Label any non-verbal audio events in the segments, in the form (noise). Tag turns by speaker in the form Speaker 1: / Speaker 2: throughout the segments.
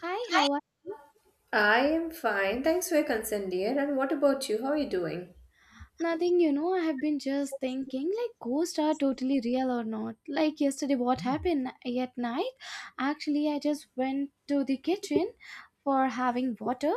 Speaker 1: Hi, how are you?
Speaker 2: I am fine. Thanks for your concern, dear. And what about you? How are you doing?
Speaker 1: Nothing, I have been just thinking like ghosts are totally real or not. Like yesterday, what happened at night? Actually, I just went to the kitchen for having water.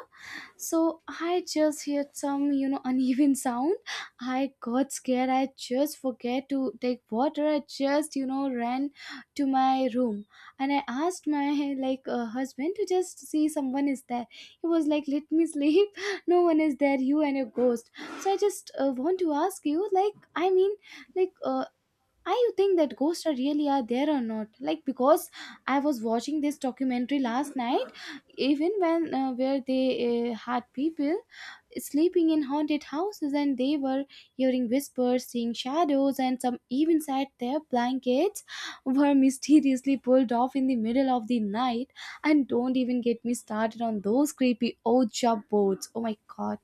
Speaker 1: So I just heard some (laughs) uneven sound. I got scared. I just forget to take water. I just ran to my room, and I asked my (laughs) like husband to just see someone is there. He was like, "Let me sleep. (laughs) No one is there. You and your ghost." So I just want to ask you, like, I mean, like, I you think that ghosts are really are there or not? Like because I was watching this documentary last night, even when where they had people sleeping in haunted houses, and they were hearing whispers, seeing shadows, and some even said their blankets were (laughs) mysteriously pulled off in the middle of the night. And don't even get me started on those creepy old job boards. Oh my god.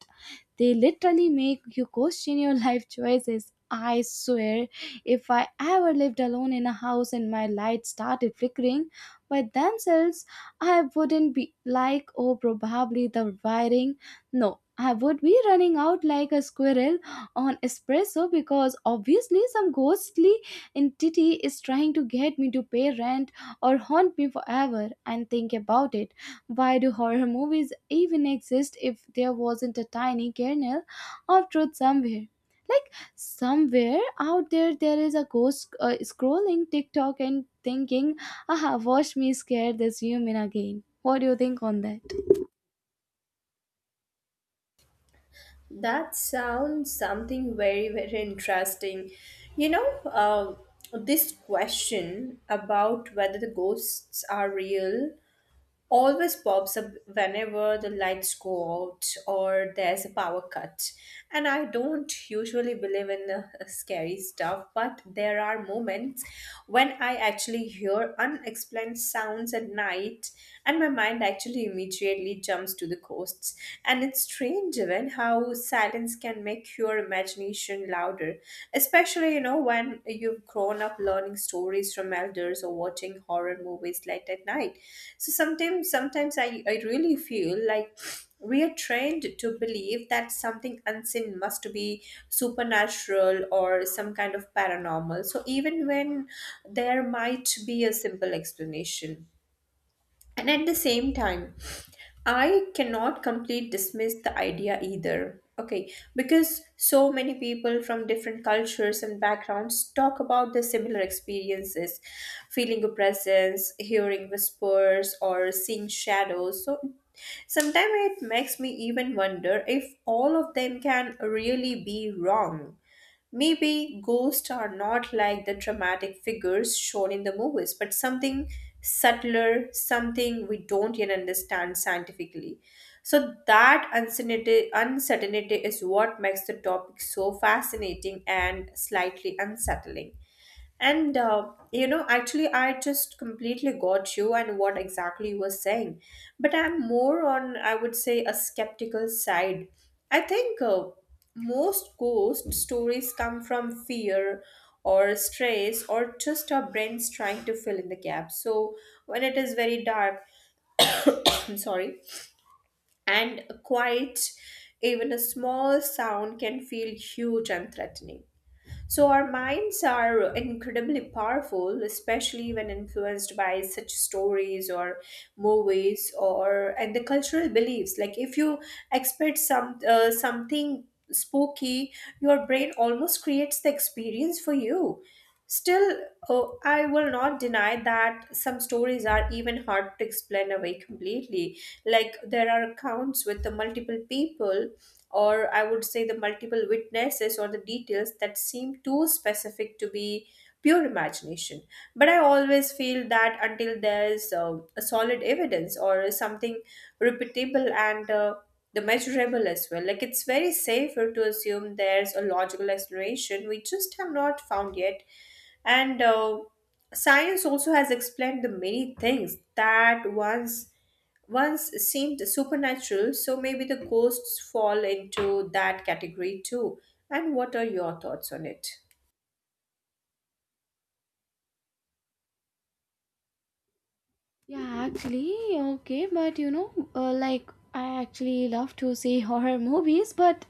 Speaker 1: They literally make you question your (laughs) life choices. I swear, if I ever lived alone in a house and my lights started flickering by themselves, I wouldn't be like, oh, probably the wiring. No, I would be running out like a squirrel on espresso because obviously some ghostly entity is trying to get me to pay rent or haunt me forever. And think about it, why do horror movies even exist if there wasn't a tiny kernel of truth somewhere? Like somewhere out there, there is a ghost scrolling TikTok and thinking, "Aha, watch me scare this human again." What do you think on that?
Speaker 2: That sounds something very, very interesting. You know, this question about whether the ghosts are real always pops up whenever the lights go out or there's a power cut. And I don't usually believe in the (laughs) scary stuff, but there are moments when I actually hear unexplained sounds at night, and my mind actually immediately jumps to the ghosts. And it's strange even how silence can make your imagination tradition louder, especially, you know, when you've grown up learning stories from elders or watching horror movies late at night. So sometimes I really feel like we are trained to believe that something unseen must be supernatural or some kind of paranormal. So even when there might be a simple explanation. And at the same time, I cannot completely dismiss the idea either. Okay, because so many people from different cultures and backgrounds talk about their similar experiences, feeling a presence, hearing whispers, or seeing shadows. So sometimes it makes me even wonder if all of them can really be wrong. Maybe ghosts are not like the dramatic figures shown in the movies, but something subtler, something we don't yet understand scientifically. So, that uncertainty is what makes the topic so fascinating and slightly unsettling. And you know, actually, I just completely got you and what exactly you were saying. But I'm more on, I would say, a skeptical side. I think most ghost stories come from fear or stress or just our brains trying to fill in the gap. So when it is very dark, (coughs) I'm sorry, and quiet, even a small sound can feel huge and threatening. So, our minds are incredibly powerful, especially when influenced by such stories or movies or and the cultural beliefs. Like if you expect some something spooky, your brain almost creates the experience for you. Still, oh, I will not deny that some stories are even hard to explain away completely. Like there are accounts with the multiple people or I would say the multiple witnesses or the details that seem too specific to be pure imagination. But I always feel that until there's a solid evidence or something repeatable and the measurable as well, like it's very safer to assume there's a logical explanation we just have not found yet. And science also has explained the many things that once seemed supernatural, so maybe the ghosts fall into that category too. And what are your thoughts on it?
Speaker 1: Yeah, actually, okay, but like I actually love to see (laughs) horror movies, but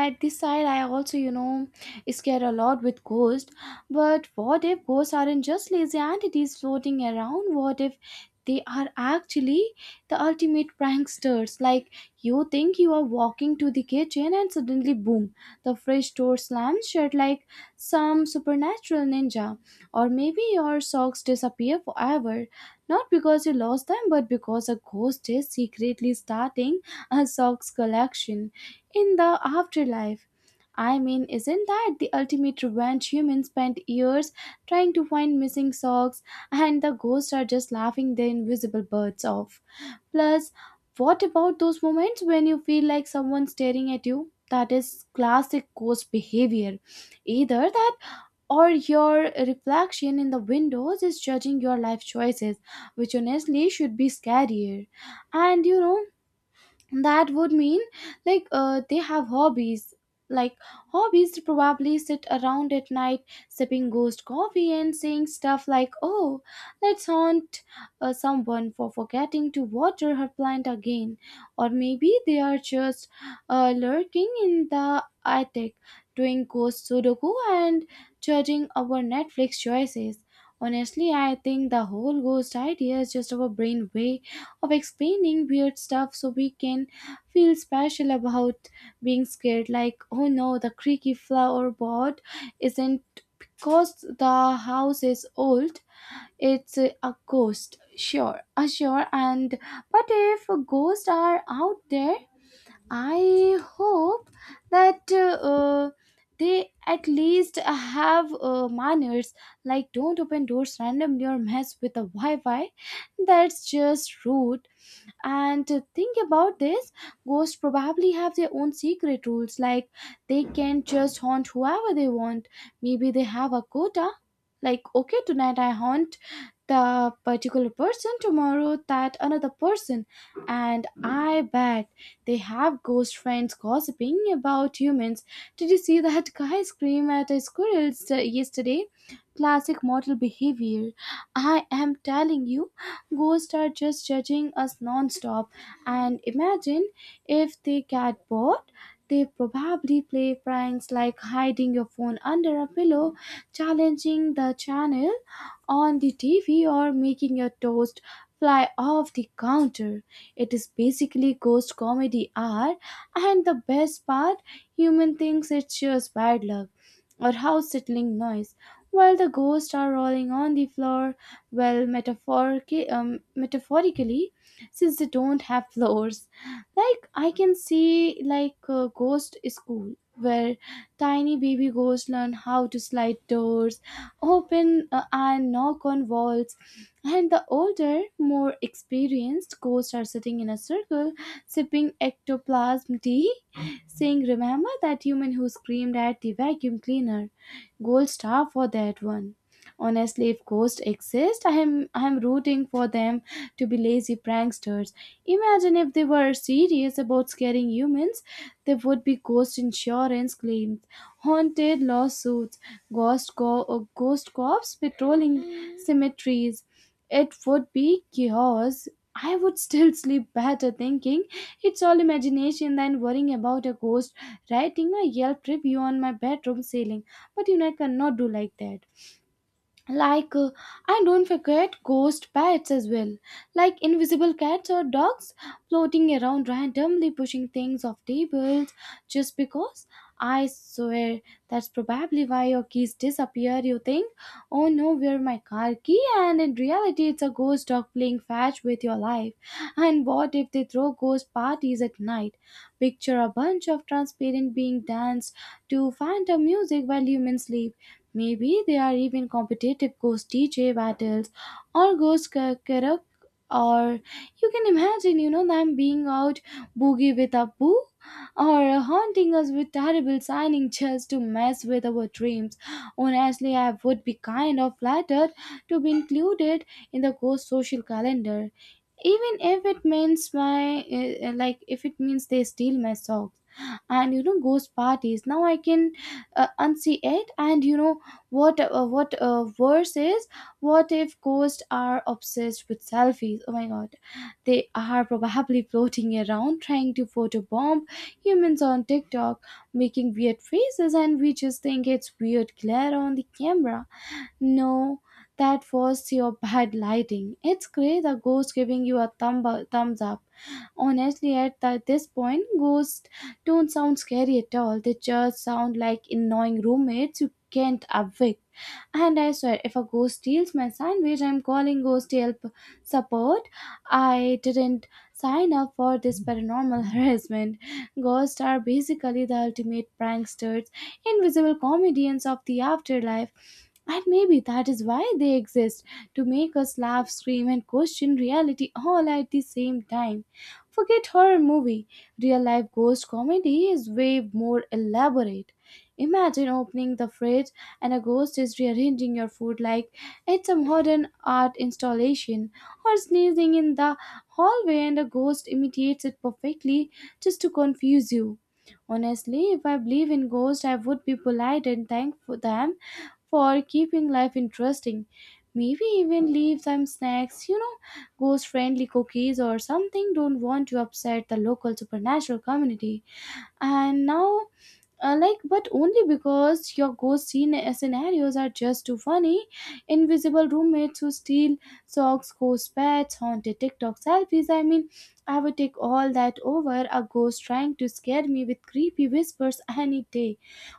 Speaker 1: at this side, I also scare a lot with ghosts. But what if ghosts aren't just lazy entities floating around? What if they are actually the ultimate pranksters? Like you think you are walking to the kitchen and suddenly, boom, the fridge door slams shut like some supernatural ninja, or maybe your socks disappear forever, not because you lost them, but because a ghost is secretly starting a socks collection in the afterlife. I mean, isn't that the ultimate revenge? Humans spent years trying to find missing socks, and the ghosts are just laughing their invisible birds off. Plus, what about those moments when you feel like someone's staring at you? That is classic ghost behavior. Either that, or your reflection in the windows is judging your life choices, which honestly should be scarier. And that would mean like they have hobbies, like hobbies to probably sit around at night sipping ghost coffee and saying stuff like, oh, let's haunt someone for forgetting to water her plant again. Or maybe they are just lurking in the attic, doing ghost sudoku and judging our Netflix choices. Honestly, I think the whole ghost idea is just our brain way of explaining weird stuff so we can feel special about being scared, like, oh no, the creaky floorboard isn't because the house is old, it's a ghost. Sure. And but if ghosts are out there, I hope that they at least have manners. Like, don't open doors randomly or mess with the Wi-Fi. That's just rude. And to think about this, ghosts probably have their own secret rules, like they can just haunt whoever they want. Maybe they have a quota, like, okay, tonight I haunt the particular person, tomorrow that another person. And I bet they have ghost friends gossiping about humans: did you see (laughs) that guy scream at a yesterday? Classic mortal behavior. I am telling you, ghosts are just judging us non-stop. And imagine if they get bored, they probably play pranks like hiding your phone under a pillow, challenging the channel on the TV, or making your toast fly off the counter. It is basically ghost comedy hour, and the best part, human thinks it's just bad luck or house settling noise, while the ghosts are rolling on the floor, well, metaphorically, since they don't have floors. Like, I can see like a ghost school where tiny baby ghosts learn how to slide doors open and knock on walls, and the older, more experienced ghosts are sitting in a circle sipping ectoplasm tea, saying, remember that human who screamed at the vacuum cleaner? Gold star for that one. Honestly, if ghosts exist, I am rooting for them to be lazy pranksters. Imagine if they were serious about scaring humans, there would be ghost insurance claims, haunted lawsuits, ghost cops patrolling cemeteries. It would be chaos. I would (laughs) still sleep better thinking it's all imagination than worrying about a ghost writing a Yelp review on my bedroom ceiling. But I cannot do like that, like and don't forget ghost pets as well, like invisible cats or dogs floating around randomly pushing things off tables just because. I swear, that's probably why your keys disappear. You think, oh no, where my car key, and in reality it's a ghost dog playing fetch with your life. And what if they throw ghost parties at night? Picture a bunch of transparent being danced to phantom music while humans sleep. Maybe there are even competitive ghost DJ battles, or ghost karaoke, or you can imagine, them being out, boogie with a boo, or haunting us with terrible signing just to mess with our dreams. Honestly, I would be kind of flattered to be included in the ghost social calendar, even if it means my like, if it means they steal my socks. And ghost parties. Now I can unsee it. And what worse is, what if ghosts are obsessed with selfies? Oh my god, they are probably floating around trying to photobomb humans on TikTok, making weird faces, and we just think it's weird glare on the camera. No, that was your bad lighting. It's great, the ghost giving you a thumbs up. Honestly, at this point, ghosts don't sound scary at all. They just sound like annoying roommates you can't evict. And I swear, if a ghost steals my sandwich, I'm calling ghost help support. I didn't sign up for this paranormal (laughs) harassment. Ghosts are basically the ultimate pranksters, invisible comedians of the afterlife. And maybe that is why they exist, to make us laugh, scream, and question reality all at the same time. Forget horror movie. Real life ghost comedy is way more elaborate. Imagine opening the fridge and a ghost is rearranging your food like it's a modern art installation, or sneezing in the hallway and a ghost imitates it perfectly just to confuse you. Honestly, if I believe in ghosts, I would be polite and thankful them for keeping life interesting. Maybe even leave some snacks, ghost friendly cookies or something. Don't want to upset the local supernatural community. And now, like, but only because your ghost scenarios are just too funny. Invisible roommates who steal socks, ghost pets, haunted TikTok selfies, I mean, I would take all that over a ghost trying to scare me with creepy whispers any day.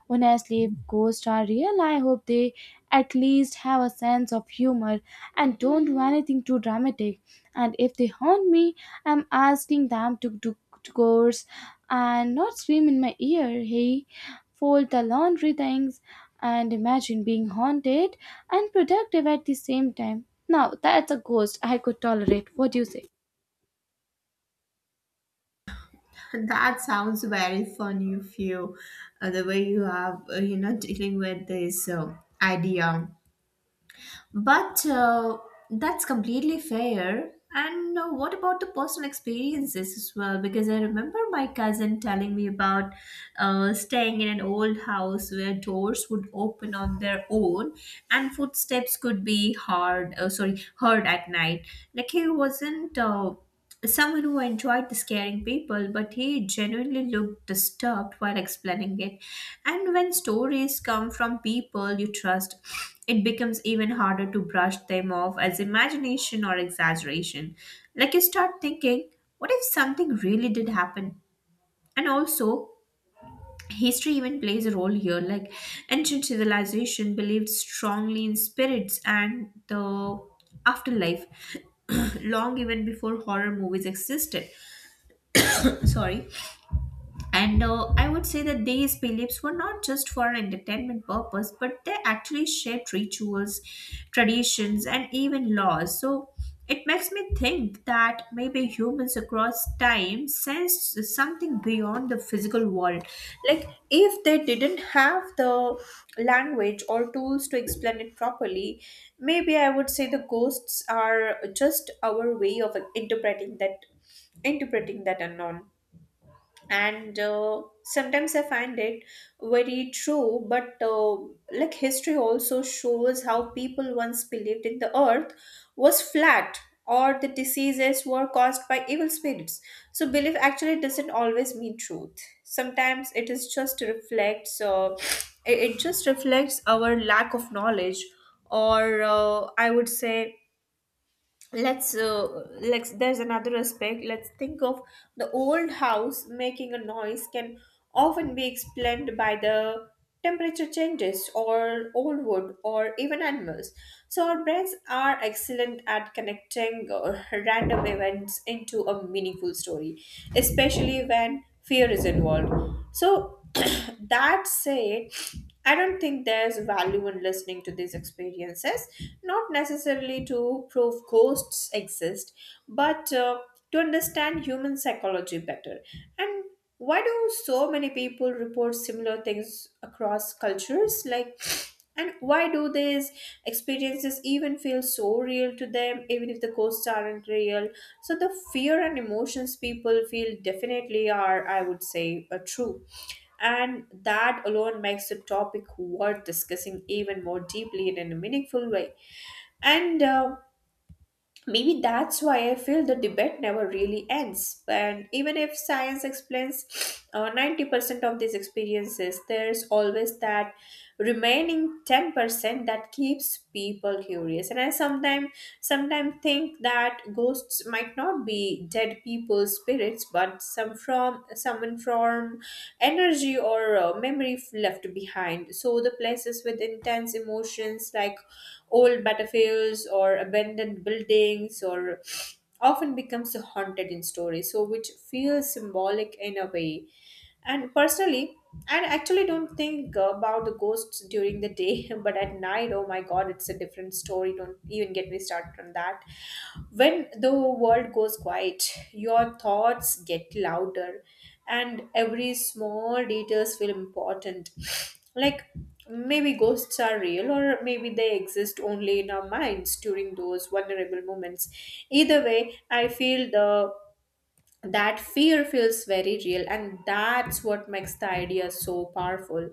Speaker 1: Honestly, if ghosts are real, I hope they at least have a sense of humor and don't do anything too dramatic. And if they haunt me, I'm asking them to do chores and not scream in my ear, hey, fold the laundry things. And imagine being haunted and productive at the same time. Now that's a ghost I could tolerate. What do you say?
Speaker 2: That sounds very funny if you, the way you have, you know, dealing with this idea. But that's completely fair. And what about the personal experiences as well? Because I remember my cousin telling me about staying in an old house where doors would open on their own and footsteps could be heard at night. Like he wasn't someone who enjoyed scaring people, but he genuinely looked disturbed while explaining it. And when stories come from people you trust, it becomes even harder to brush them off as imagination or exaggeration. Like you start thinking, what if something really did happen? And also, history even plays a role here. Like ancient civilization believed strongly in spirits and the afterlife (clears throat) long even before horror movies existed. (coughs) Sorry. And I would say that these beliefs were not just for entertainment purpose, but they actually shaped rituals, traditions, and even laws. So it makes me think that maybe humans across time sensed something beyond the physical world. Like if they didn't have the language or tools to explain it properly, maybe I would say the ghosts are just our way of interpreting that unknown. And sometimes I find it very true, but like history also shows how people once believed in the earth was flat or the diseases were caused by evil spirits. So belief actually doesn't always mean truth. Sometimes it is just reflects it just reflects our lack of knowledge or I would say let's uh, let's there's another aspect. Let's think of the old house making a noise can often be explained by the temperature changes or old wood or even animals. So our brains are excellent at connecting random events into a meaningful story, especially when fear is involved. So (clears throat) that said, I don't think there's value in listening to these experiences, not necessarily to prove ghosts exist, but to understand human psychology better. And why do so many people report similar things across cultures? Like, and why do these experiences even feel so real to them, even if the ghosts aren't real? So, the fear and emotions people feel definitely are, I would say, are true, and that alone makes the topic worth discussing even more deeply and in a meaningful way. And maybe that's why I feel the debate never really ends. And even if science explains 90% of these experiences, there's always that remaining 10% that keeps people curious. And I sometimes think that ghosts might not be dead people's spirits, but some from someone from energy or left behind. So the places with intense emotions like old battlefields or abandoned buildings or often becomes haunted in stories, so which feels symbolic in a way. And personally, I actually don't think about the ghosts during the day, (laughs) but at night, oh my god, it's a different story. Don't even get me started on that. When the world goes quiet, your thoughts get louder and every small details feel important. (sniffs) Like maybe ghosts are real or maybe they exist only in our minds during those vulnerable moments. Either way, I feel the that fear feels very real, and that's what makes the idea so powerful.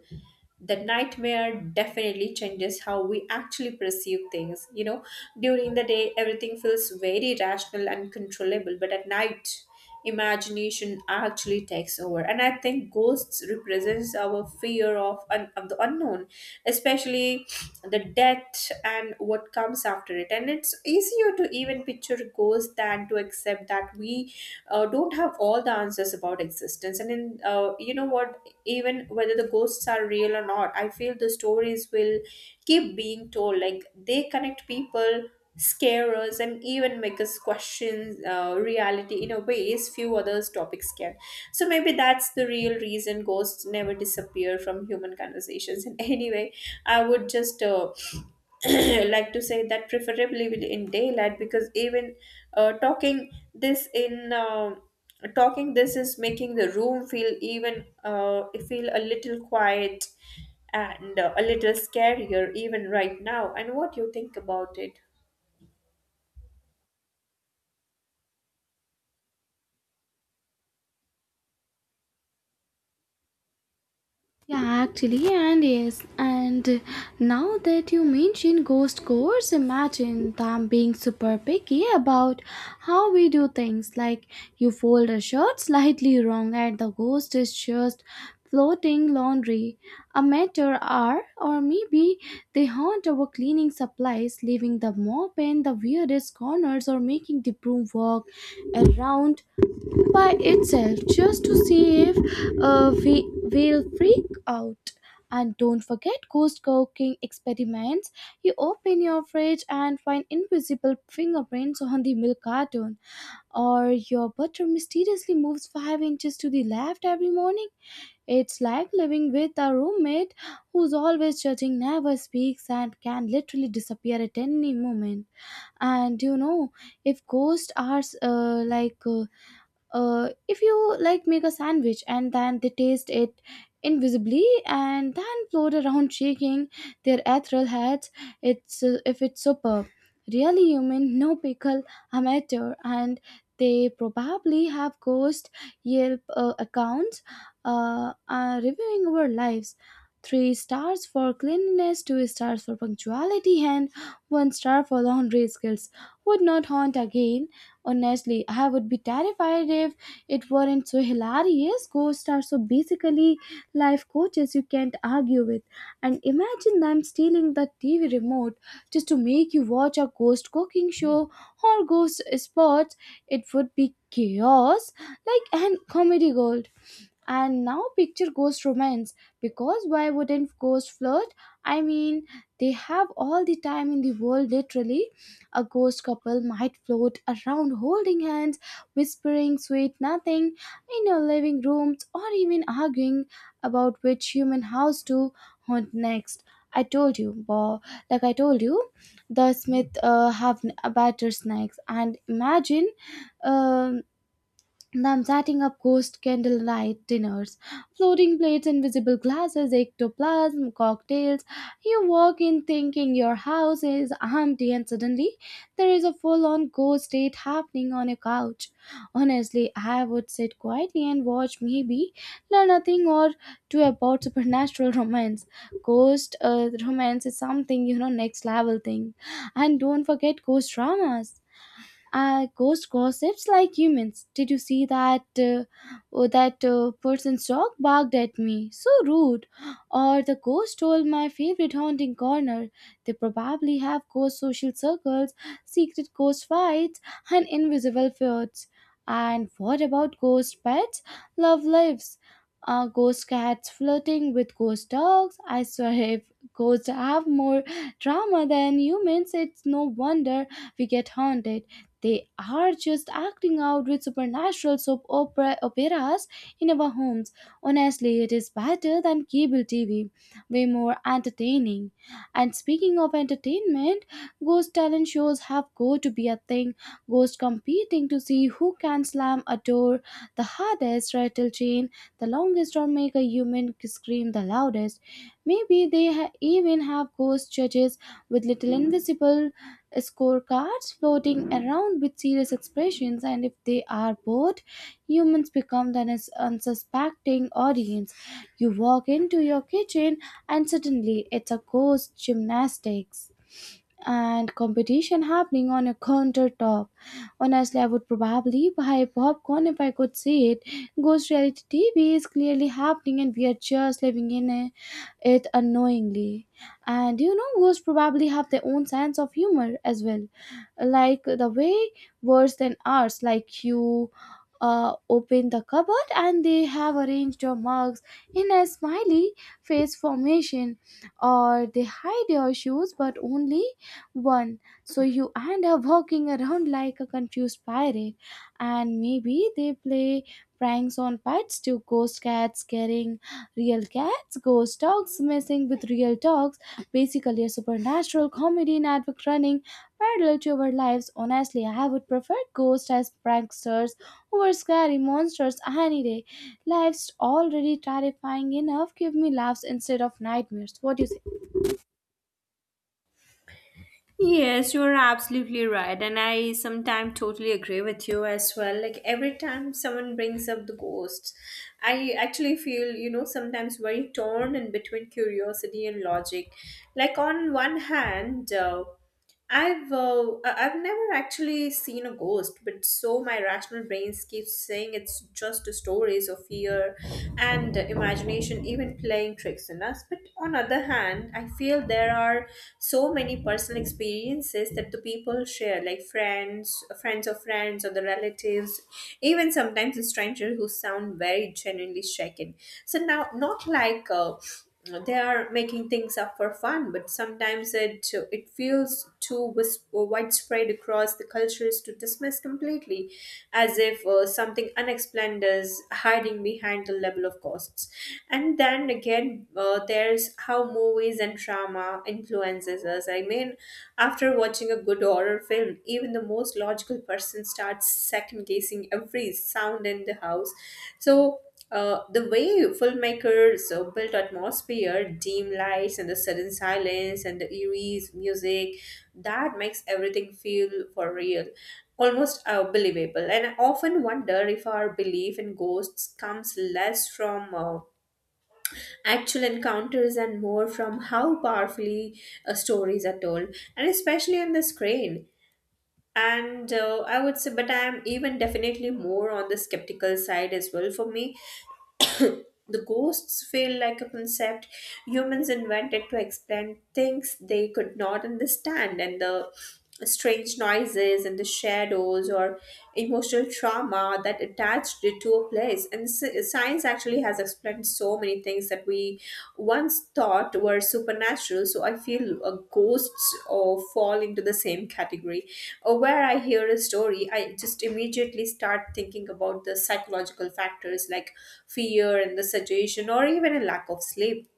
Speaker 2: The nightmare definitely changes how we actually perceive things, you know. During the day everything feels very rational and controllable, but at night imagination actually takes over. And I think ghosts represents our fear of the unknown, especially the death and what comes after it. And it's easier to even picture ghosts than to accept that we don't have all the answers about existence. And in you know what, even whether the ghosts are real or not, I feel the stories will keep being told. Like they connect people, scare us, and even make us question reality in a ways few others topics can. So maybe that's the real reason ghosts never disappear from human conversations. And anyway, I would just (clears throat) like to say that preferably in daylight, because even uh, talking this in uh, talking this is making the room feel even feel a little quiet and a little scarier even right now. And what do you think about it?
Speaker 1: Yeah, actually, and yes, and now that you mention ghost course, imagine them being super picky about how we do things. Like, you fold a shirt slightly wrong, and the ghost is just floating laundry, a matter are, or maybe they haunt our cleaning supplies, leaving the mop in the weirdest corners or making the broom walk around by itself just to see if we will freak out. And don't forget ghost cooking experiments. You open your fridge and find invisible fingerprints on the milk carton, or your butter mysteriously moves 5 inches to the left every morning. It's like living with a roommate who's always judging, never speaks, and can literally disappear at any moment. And if ghosts are like if you like make a sandwich, and then they taste it invisibly and then float around shaking their ethereal heads, it's if it's superb, really, human, no pickle, amateur. And they probably have ghost Yelp accounts, reviewing our lives: three stars for cleanliness, two stars for punctuality, and one star for laundry skills, would not haunt again. Honestly, I would be terrified if it weren't so hilarious. Ghosts are so basically life coaches you can't argue with. And imagine them stealing the TV remote just to make you watch a ghost cooking show or ghost sports. It would be chaos, like and comedy gold. And now picture ghost romance because why wouldn't ghost flirt? I mean, they have all the time in the world literally. A ghost couple might float around holding hands, whispering sweet nothing in your living rooms, or even arguing about which human house to haunt next. I told you, bo- like I told you, the Smith have better snacks. And imagine um, them setting up ghost candlelight dinners, floating plates, invisible glasses, ectoplasm, cocktails. You walk in thinking your house is empty, and suddenly there is a full on ghost date happening on your couch. Honestly, I would sit quietly and watch, maybe learn a thing or two about supernatural romance. Ghost romance is something, next level thing. And don't forget ghost dramas, ghost gossips like humans. Did you see that oh, that person's dog barked at me? So rude. Or the ghost stole my favorite haunting corner. They probably have ghost social circles, secret ghost fights, and invisible fjords. And what about ghost pets? Love lives. Ghost cats flirting with ghost dogs. I swear, if ghosts have more drama than humans, it's no wonder we get haunted. They are just acting out with supernatural soap opera, operas in our homes. Honestly, it is better than cable TV, way more entertaining. And speaking of entertainment, ghost talent shows have got to be a thing. Ghosts competing to see who can slam a door the hardest, rattle chain the longest, or make a human scream the loudest. Maybe they even have ghost judges with little invisible scorecards floating around with serious expressions, and if they are bored, humans become the unsuspecting audience. You walk into your kitchen, and suddenly it's a ghost gymnastics and competition happening on a countertop. Honestly, I would probably buy popcorn if I could see it. Ghost reality TV is clearly happening, and we are just living it unknowingly. And you know, ghosts probably have their own sense of humor as well, like the way worse than ours. Like you open the cupboard and they have arranged your mugs in a smiley face formation, or they hide your shoes but only one, so you and her walking around like a confused pirate, and maybe they play pranks on pets too. Ghost cats carrying real cats, ghost dogs messing with real dogs. Basically, a supernatural comedy network running parallel to our lives. Honestly, I would prefer ghosts as pranksters over scary monsters any day. Life's already terrifying enough. Give me laughs instead of nightmares. What do you say?
Speaker 2: Yes, you're absolutely right. And I sometimes totally agree with you as well. Like every time someone brings up the ghosts, I actually feel, you know, sometimes very torn in between curiosity and logic. Like on one hand, have never actually seen a ghost, but so my rational brains keeps saying it's just stories of fear and imagination, even playing tricks on us. But on other hand, I feel there are so many personal experiences that the people share, like friends, friends of friends, or the relatives, even sometimes a stranger who sound very genuinely shaken. So now, not like. They are making things up for fun, but sometimes it feels too widespread across the cultures to dismiss completely, as if something unexplained is hiding behind the level of costs. And then again, there's how movies and drama influences us. I mean, after watching a good horror film, even the most logical person starts second guessing every sound in the house. So. The way filmmakers built atmosphere, dim lights, and the sudden silence, and the eerie music, that makes everything feel for real, almost believable. And I often wonder if our belief in ghosts comes less from actual encounters and more from how powerfully stories are told, and especially on the screen. And I would say, but I'm even definitely more on the skeptical side as well. For me the ghosts feel like a concept humans invented to explain things they could not understand, and the strange noises and the shadows or emotional trauma that attached it to a place. And science actually has explained so many things that we once thought were supernatural. So I feel ghosts fall into the same category or where I hear a story, I just immediately start thinking about the psychological factors like fear and the suggestion or even a lack of sleep.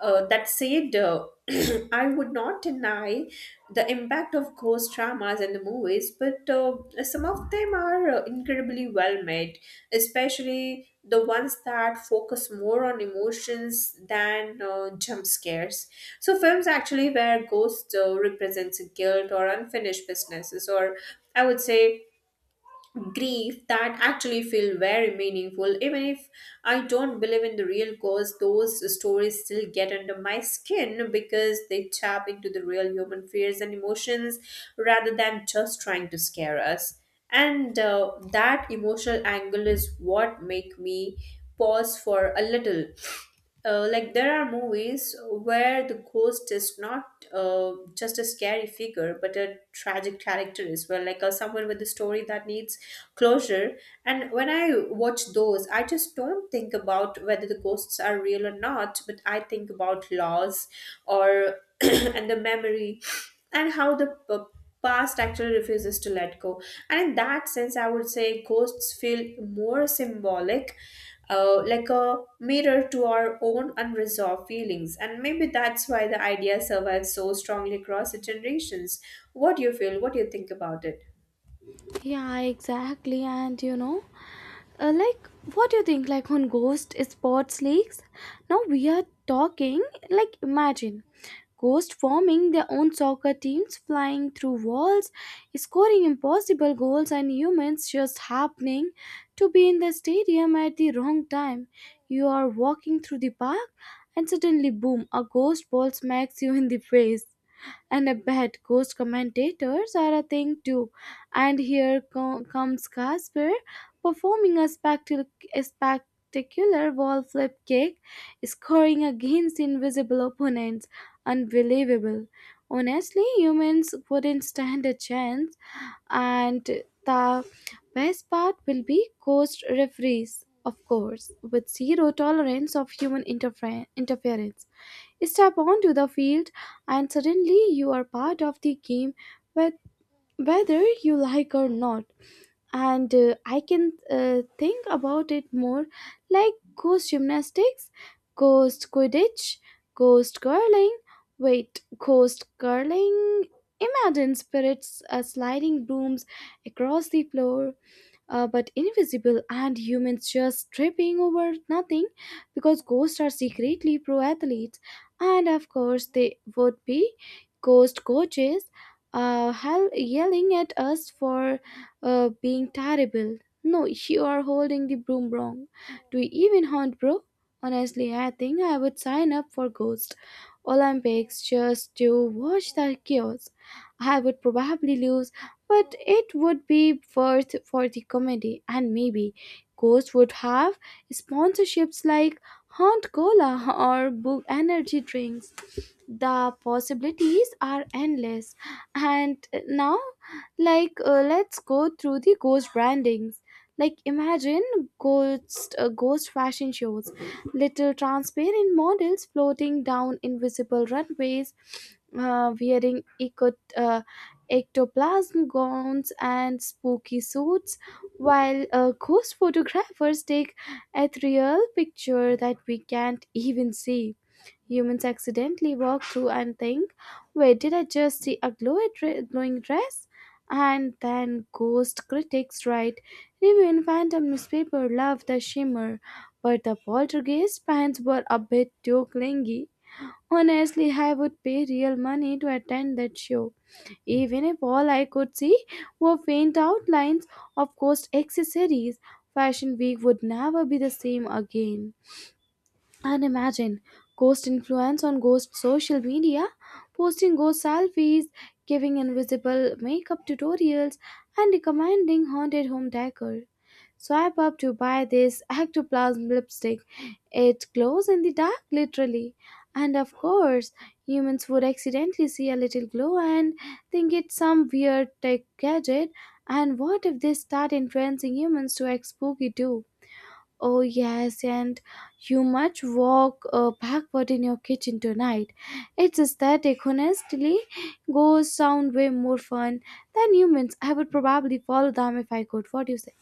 Speaker 2: That said, (clears throat) I would not deny the impact of ghost dramas and the movies, but some of them are incredibly well made, especially the ones that focus more on emotions than jump scares. So, films actually where ghosts represents guilt or unfinished businesses, or I would say grief that actually feel very meaningful even if I don't believe in the real cause those stories still get under my skin because they tap into the real human fears and emotions rather than just trying to scare us and that emotional angle is what make me pause for a little like there are movies where the ghost is not just a scary figure but a tragic character as well like someone with a story that needs closure and when I watch those I just don't think about whether the ghosts are real or not but I think about loss or (clears throat) and the memory and how the past actually refuses to let go and in that sense I would say ghosts feel more symbolic, like a mirror to our own unresolved feelings. And maybe that's why the idea survives so strongly across the generations. What do you feel? What do you think about it?
Speaker 1: Yeah, exactly, and you know. Like, what do you think? Like on ghost sports leagues? Now we are talking, like, imagine ghost forming their own soccer teams, flying through walls, scoring impossible goals, and humans just happening to be in the stadium at the wrong time. You are walking through the park, and suddenly, boom, a ghost ball smacks you in the face. And I bet ghost commentators are a thing too. And here comes Casper performing a spectacular wall flip kick, scoring against invisible opponents. Unbelievable. Honestly, humans wouldn't stand a chance. And the best part will be ghost referees, of course, with zero tolerance of human interference. Step onto the field, and suddenly you are part of the game, whe- whether you like or not. And I can think about it more like ghost gymnastics, ghost quidditch, ghost curling. Wait, ghost curling? Imagine spirits sliding brooms across the floor, but invisible, and humans just tripping over nothing because ghosts are secretly pro athletes. And of course they would be ghost coaches, hell yelling at us for being terrible. No, you are holding the broom wrong. Do you even haunt, bro? Honestly, I think I would sign up for ghost olympics just to watch the chaos. I would probably lose, but it would be worth for the comedy. And maybe ghost would have sponsorships like Haunt Cola or Book Energy drinks. The possibilities are endless. And now, like, let's go through the ghost brandings. Like, imagine ghost fashion shows, little transparent models floating down invisible runways, wearing ectoplasm gowns and spooky suits, while ghost photographers take ethereal picture that we can't even see. Humans accidentally walk through and think, wait, did I just see a glowing dress? And then ghost critics write, review in phantom newspaper, love the shimmer, but the poltergeist pants were a bit too clingy. Honestly, I would pay real money to attend that show, even if all I could see were faint outlines of ghost accessories. Fashion Week would never be the same again. And imagine ghost influence on ghost social media, posting ghost selfies, giving invisible makeup tutorials, and recommending haunted home decor. Swipe up to buy this ectoplasm lipstick. It glows in the dark, literally. And of course, humans would accidentally see a little glow and think it's some weird tech gadget. And what if they start influencing humans to act spooky too? Oh, yes, and you must walk backward in your kitchen tonight. It's aesthetic, honestly. Ghosts sound way more fun than humans. I would probably follow them if I could. What do you say?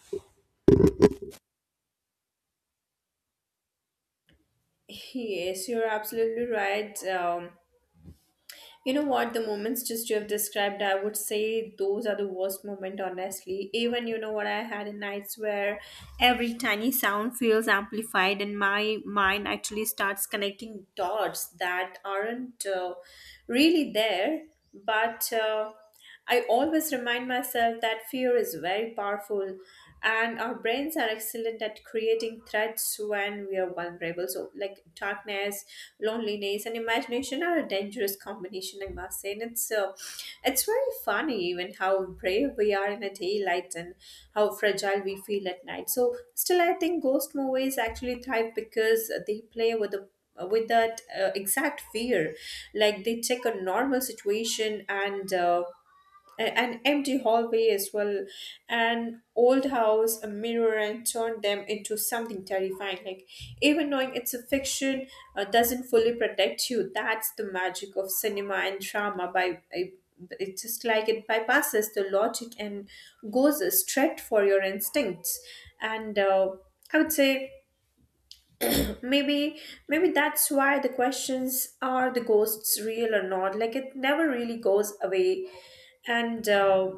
Speaker 2: Yes, you're absolutely right. You know what? The moments just you have described, I would say those are the worst moment, honestly. Even you know what, I had nights where every tiny sound feels amplified, and my mind actually starts connecting dots that aren't really there, but. I always remind myself that fear is very powerful and our brains are excellent at creating threats when we are vulnerable. So, like darkness, loneliness, and imagination are a dangerous combination, I must say. And it's very funny, even how brave we are in the daylight and how fragile we feel at night. So, still, I think ghost movies actually thrive because they play with that exact fear, like they take a normal situation and an empty hallway as well, an old house, a mirror, and turned them into something terrifying. Like, even knowing it's a fiction doesn't fully protect you. That's the magic of cinema and drama. It's just like it bypasses the logic and goes straight for your instincts. And I would say (clears throat) maybe maybe that's why the questions are the ghosts real or not. Like it never really goes away, and.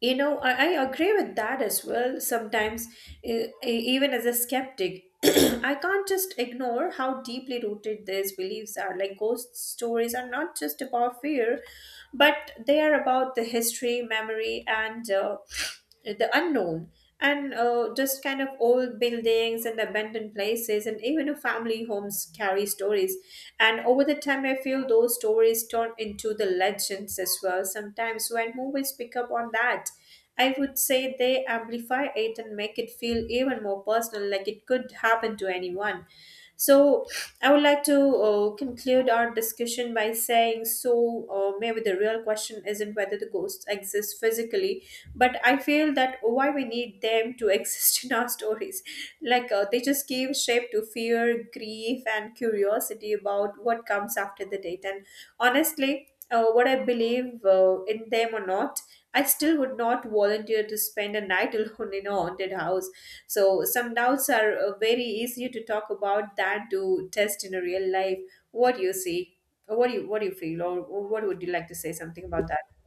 Speaker 2: You know, I agree with that as well. Sometimes, e- e- even as a skeptic, (clears throat) I can't just ignore how deeply rooted these beliefs are. Like, ghost stories are not just about fear, but they are about the history, memory, and the unknown, and just kind of old buildings and abandoned places and even a family homes carry stories and over the time I feel those stories turn into the legends as well. Sometimes when movies pick up on that I would say they amplify it and make it feel even more personal, like it could happen to anyone. So I would like to conclude our discussion by saying, so maybe the real question isn't whether the ghosts exist physically, but I feel that why we need them to exist (laughs) in our stories. Like they just give shape to fear, grief, and curiosity about what comes after the death. And honestly what I believe in them or not, I still would not volunteer to spend a night (laughs) alone in a haunted house. So some doubts are very easier to talk about than to test in a real life. What do you see, or what do you feel, or what would you like to say something about that?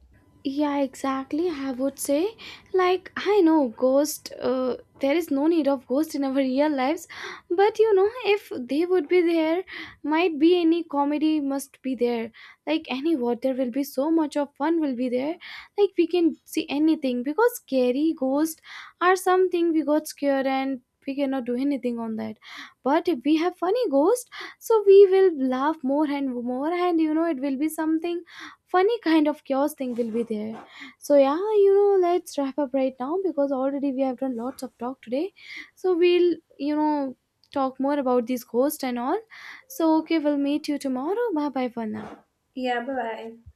Speaker 1: Yeah, exactly. I would say, like, I know ghost. There is no need of ghost in our real lives, but you know, if they would be there, might be any comedy must be there. Like any what, there will be so much of fun will be there. Like we can see anything because scary ghost are something we got scared and we cannot do anything on that. But if we have funny ghost, so we will laugh more and more, and you know, it will be something funny kind of chaos thing will be there. So yeah, you know, let's wrap up right now because already we have done lots of talk today. So we'll, you know, talk more about these ghosts and all. So okay, we'll meet you tomorrow. Bye bye for now.
Speaker 2: Yeah, bye bye.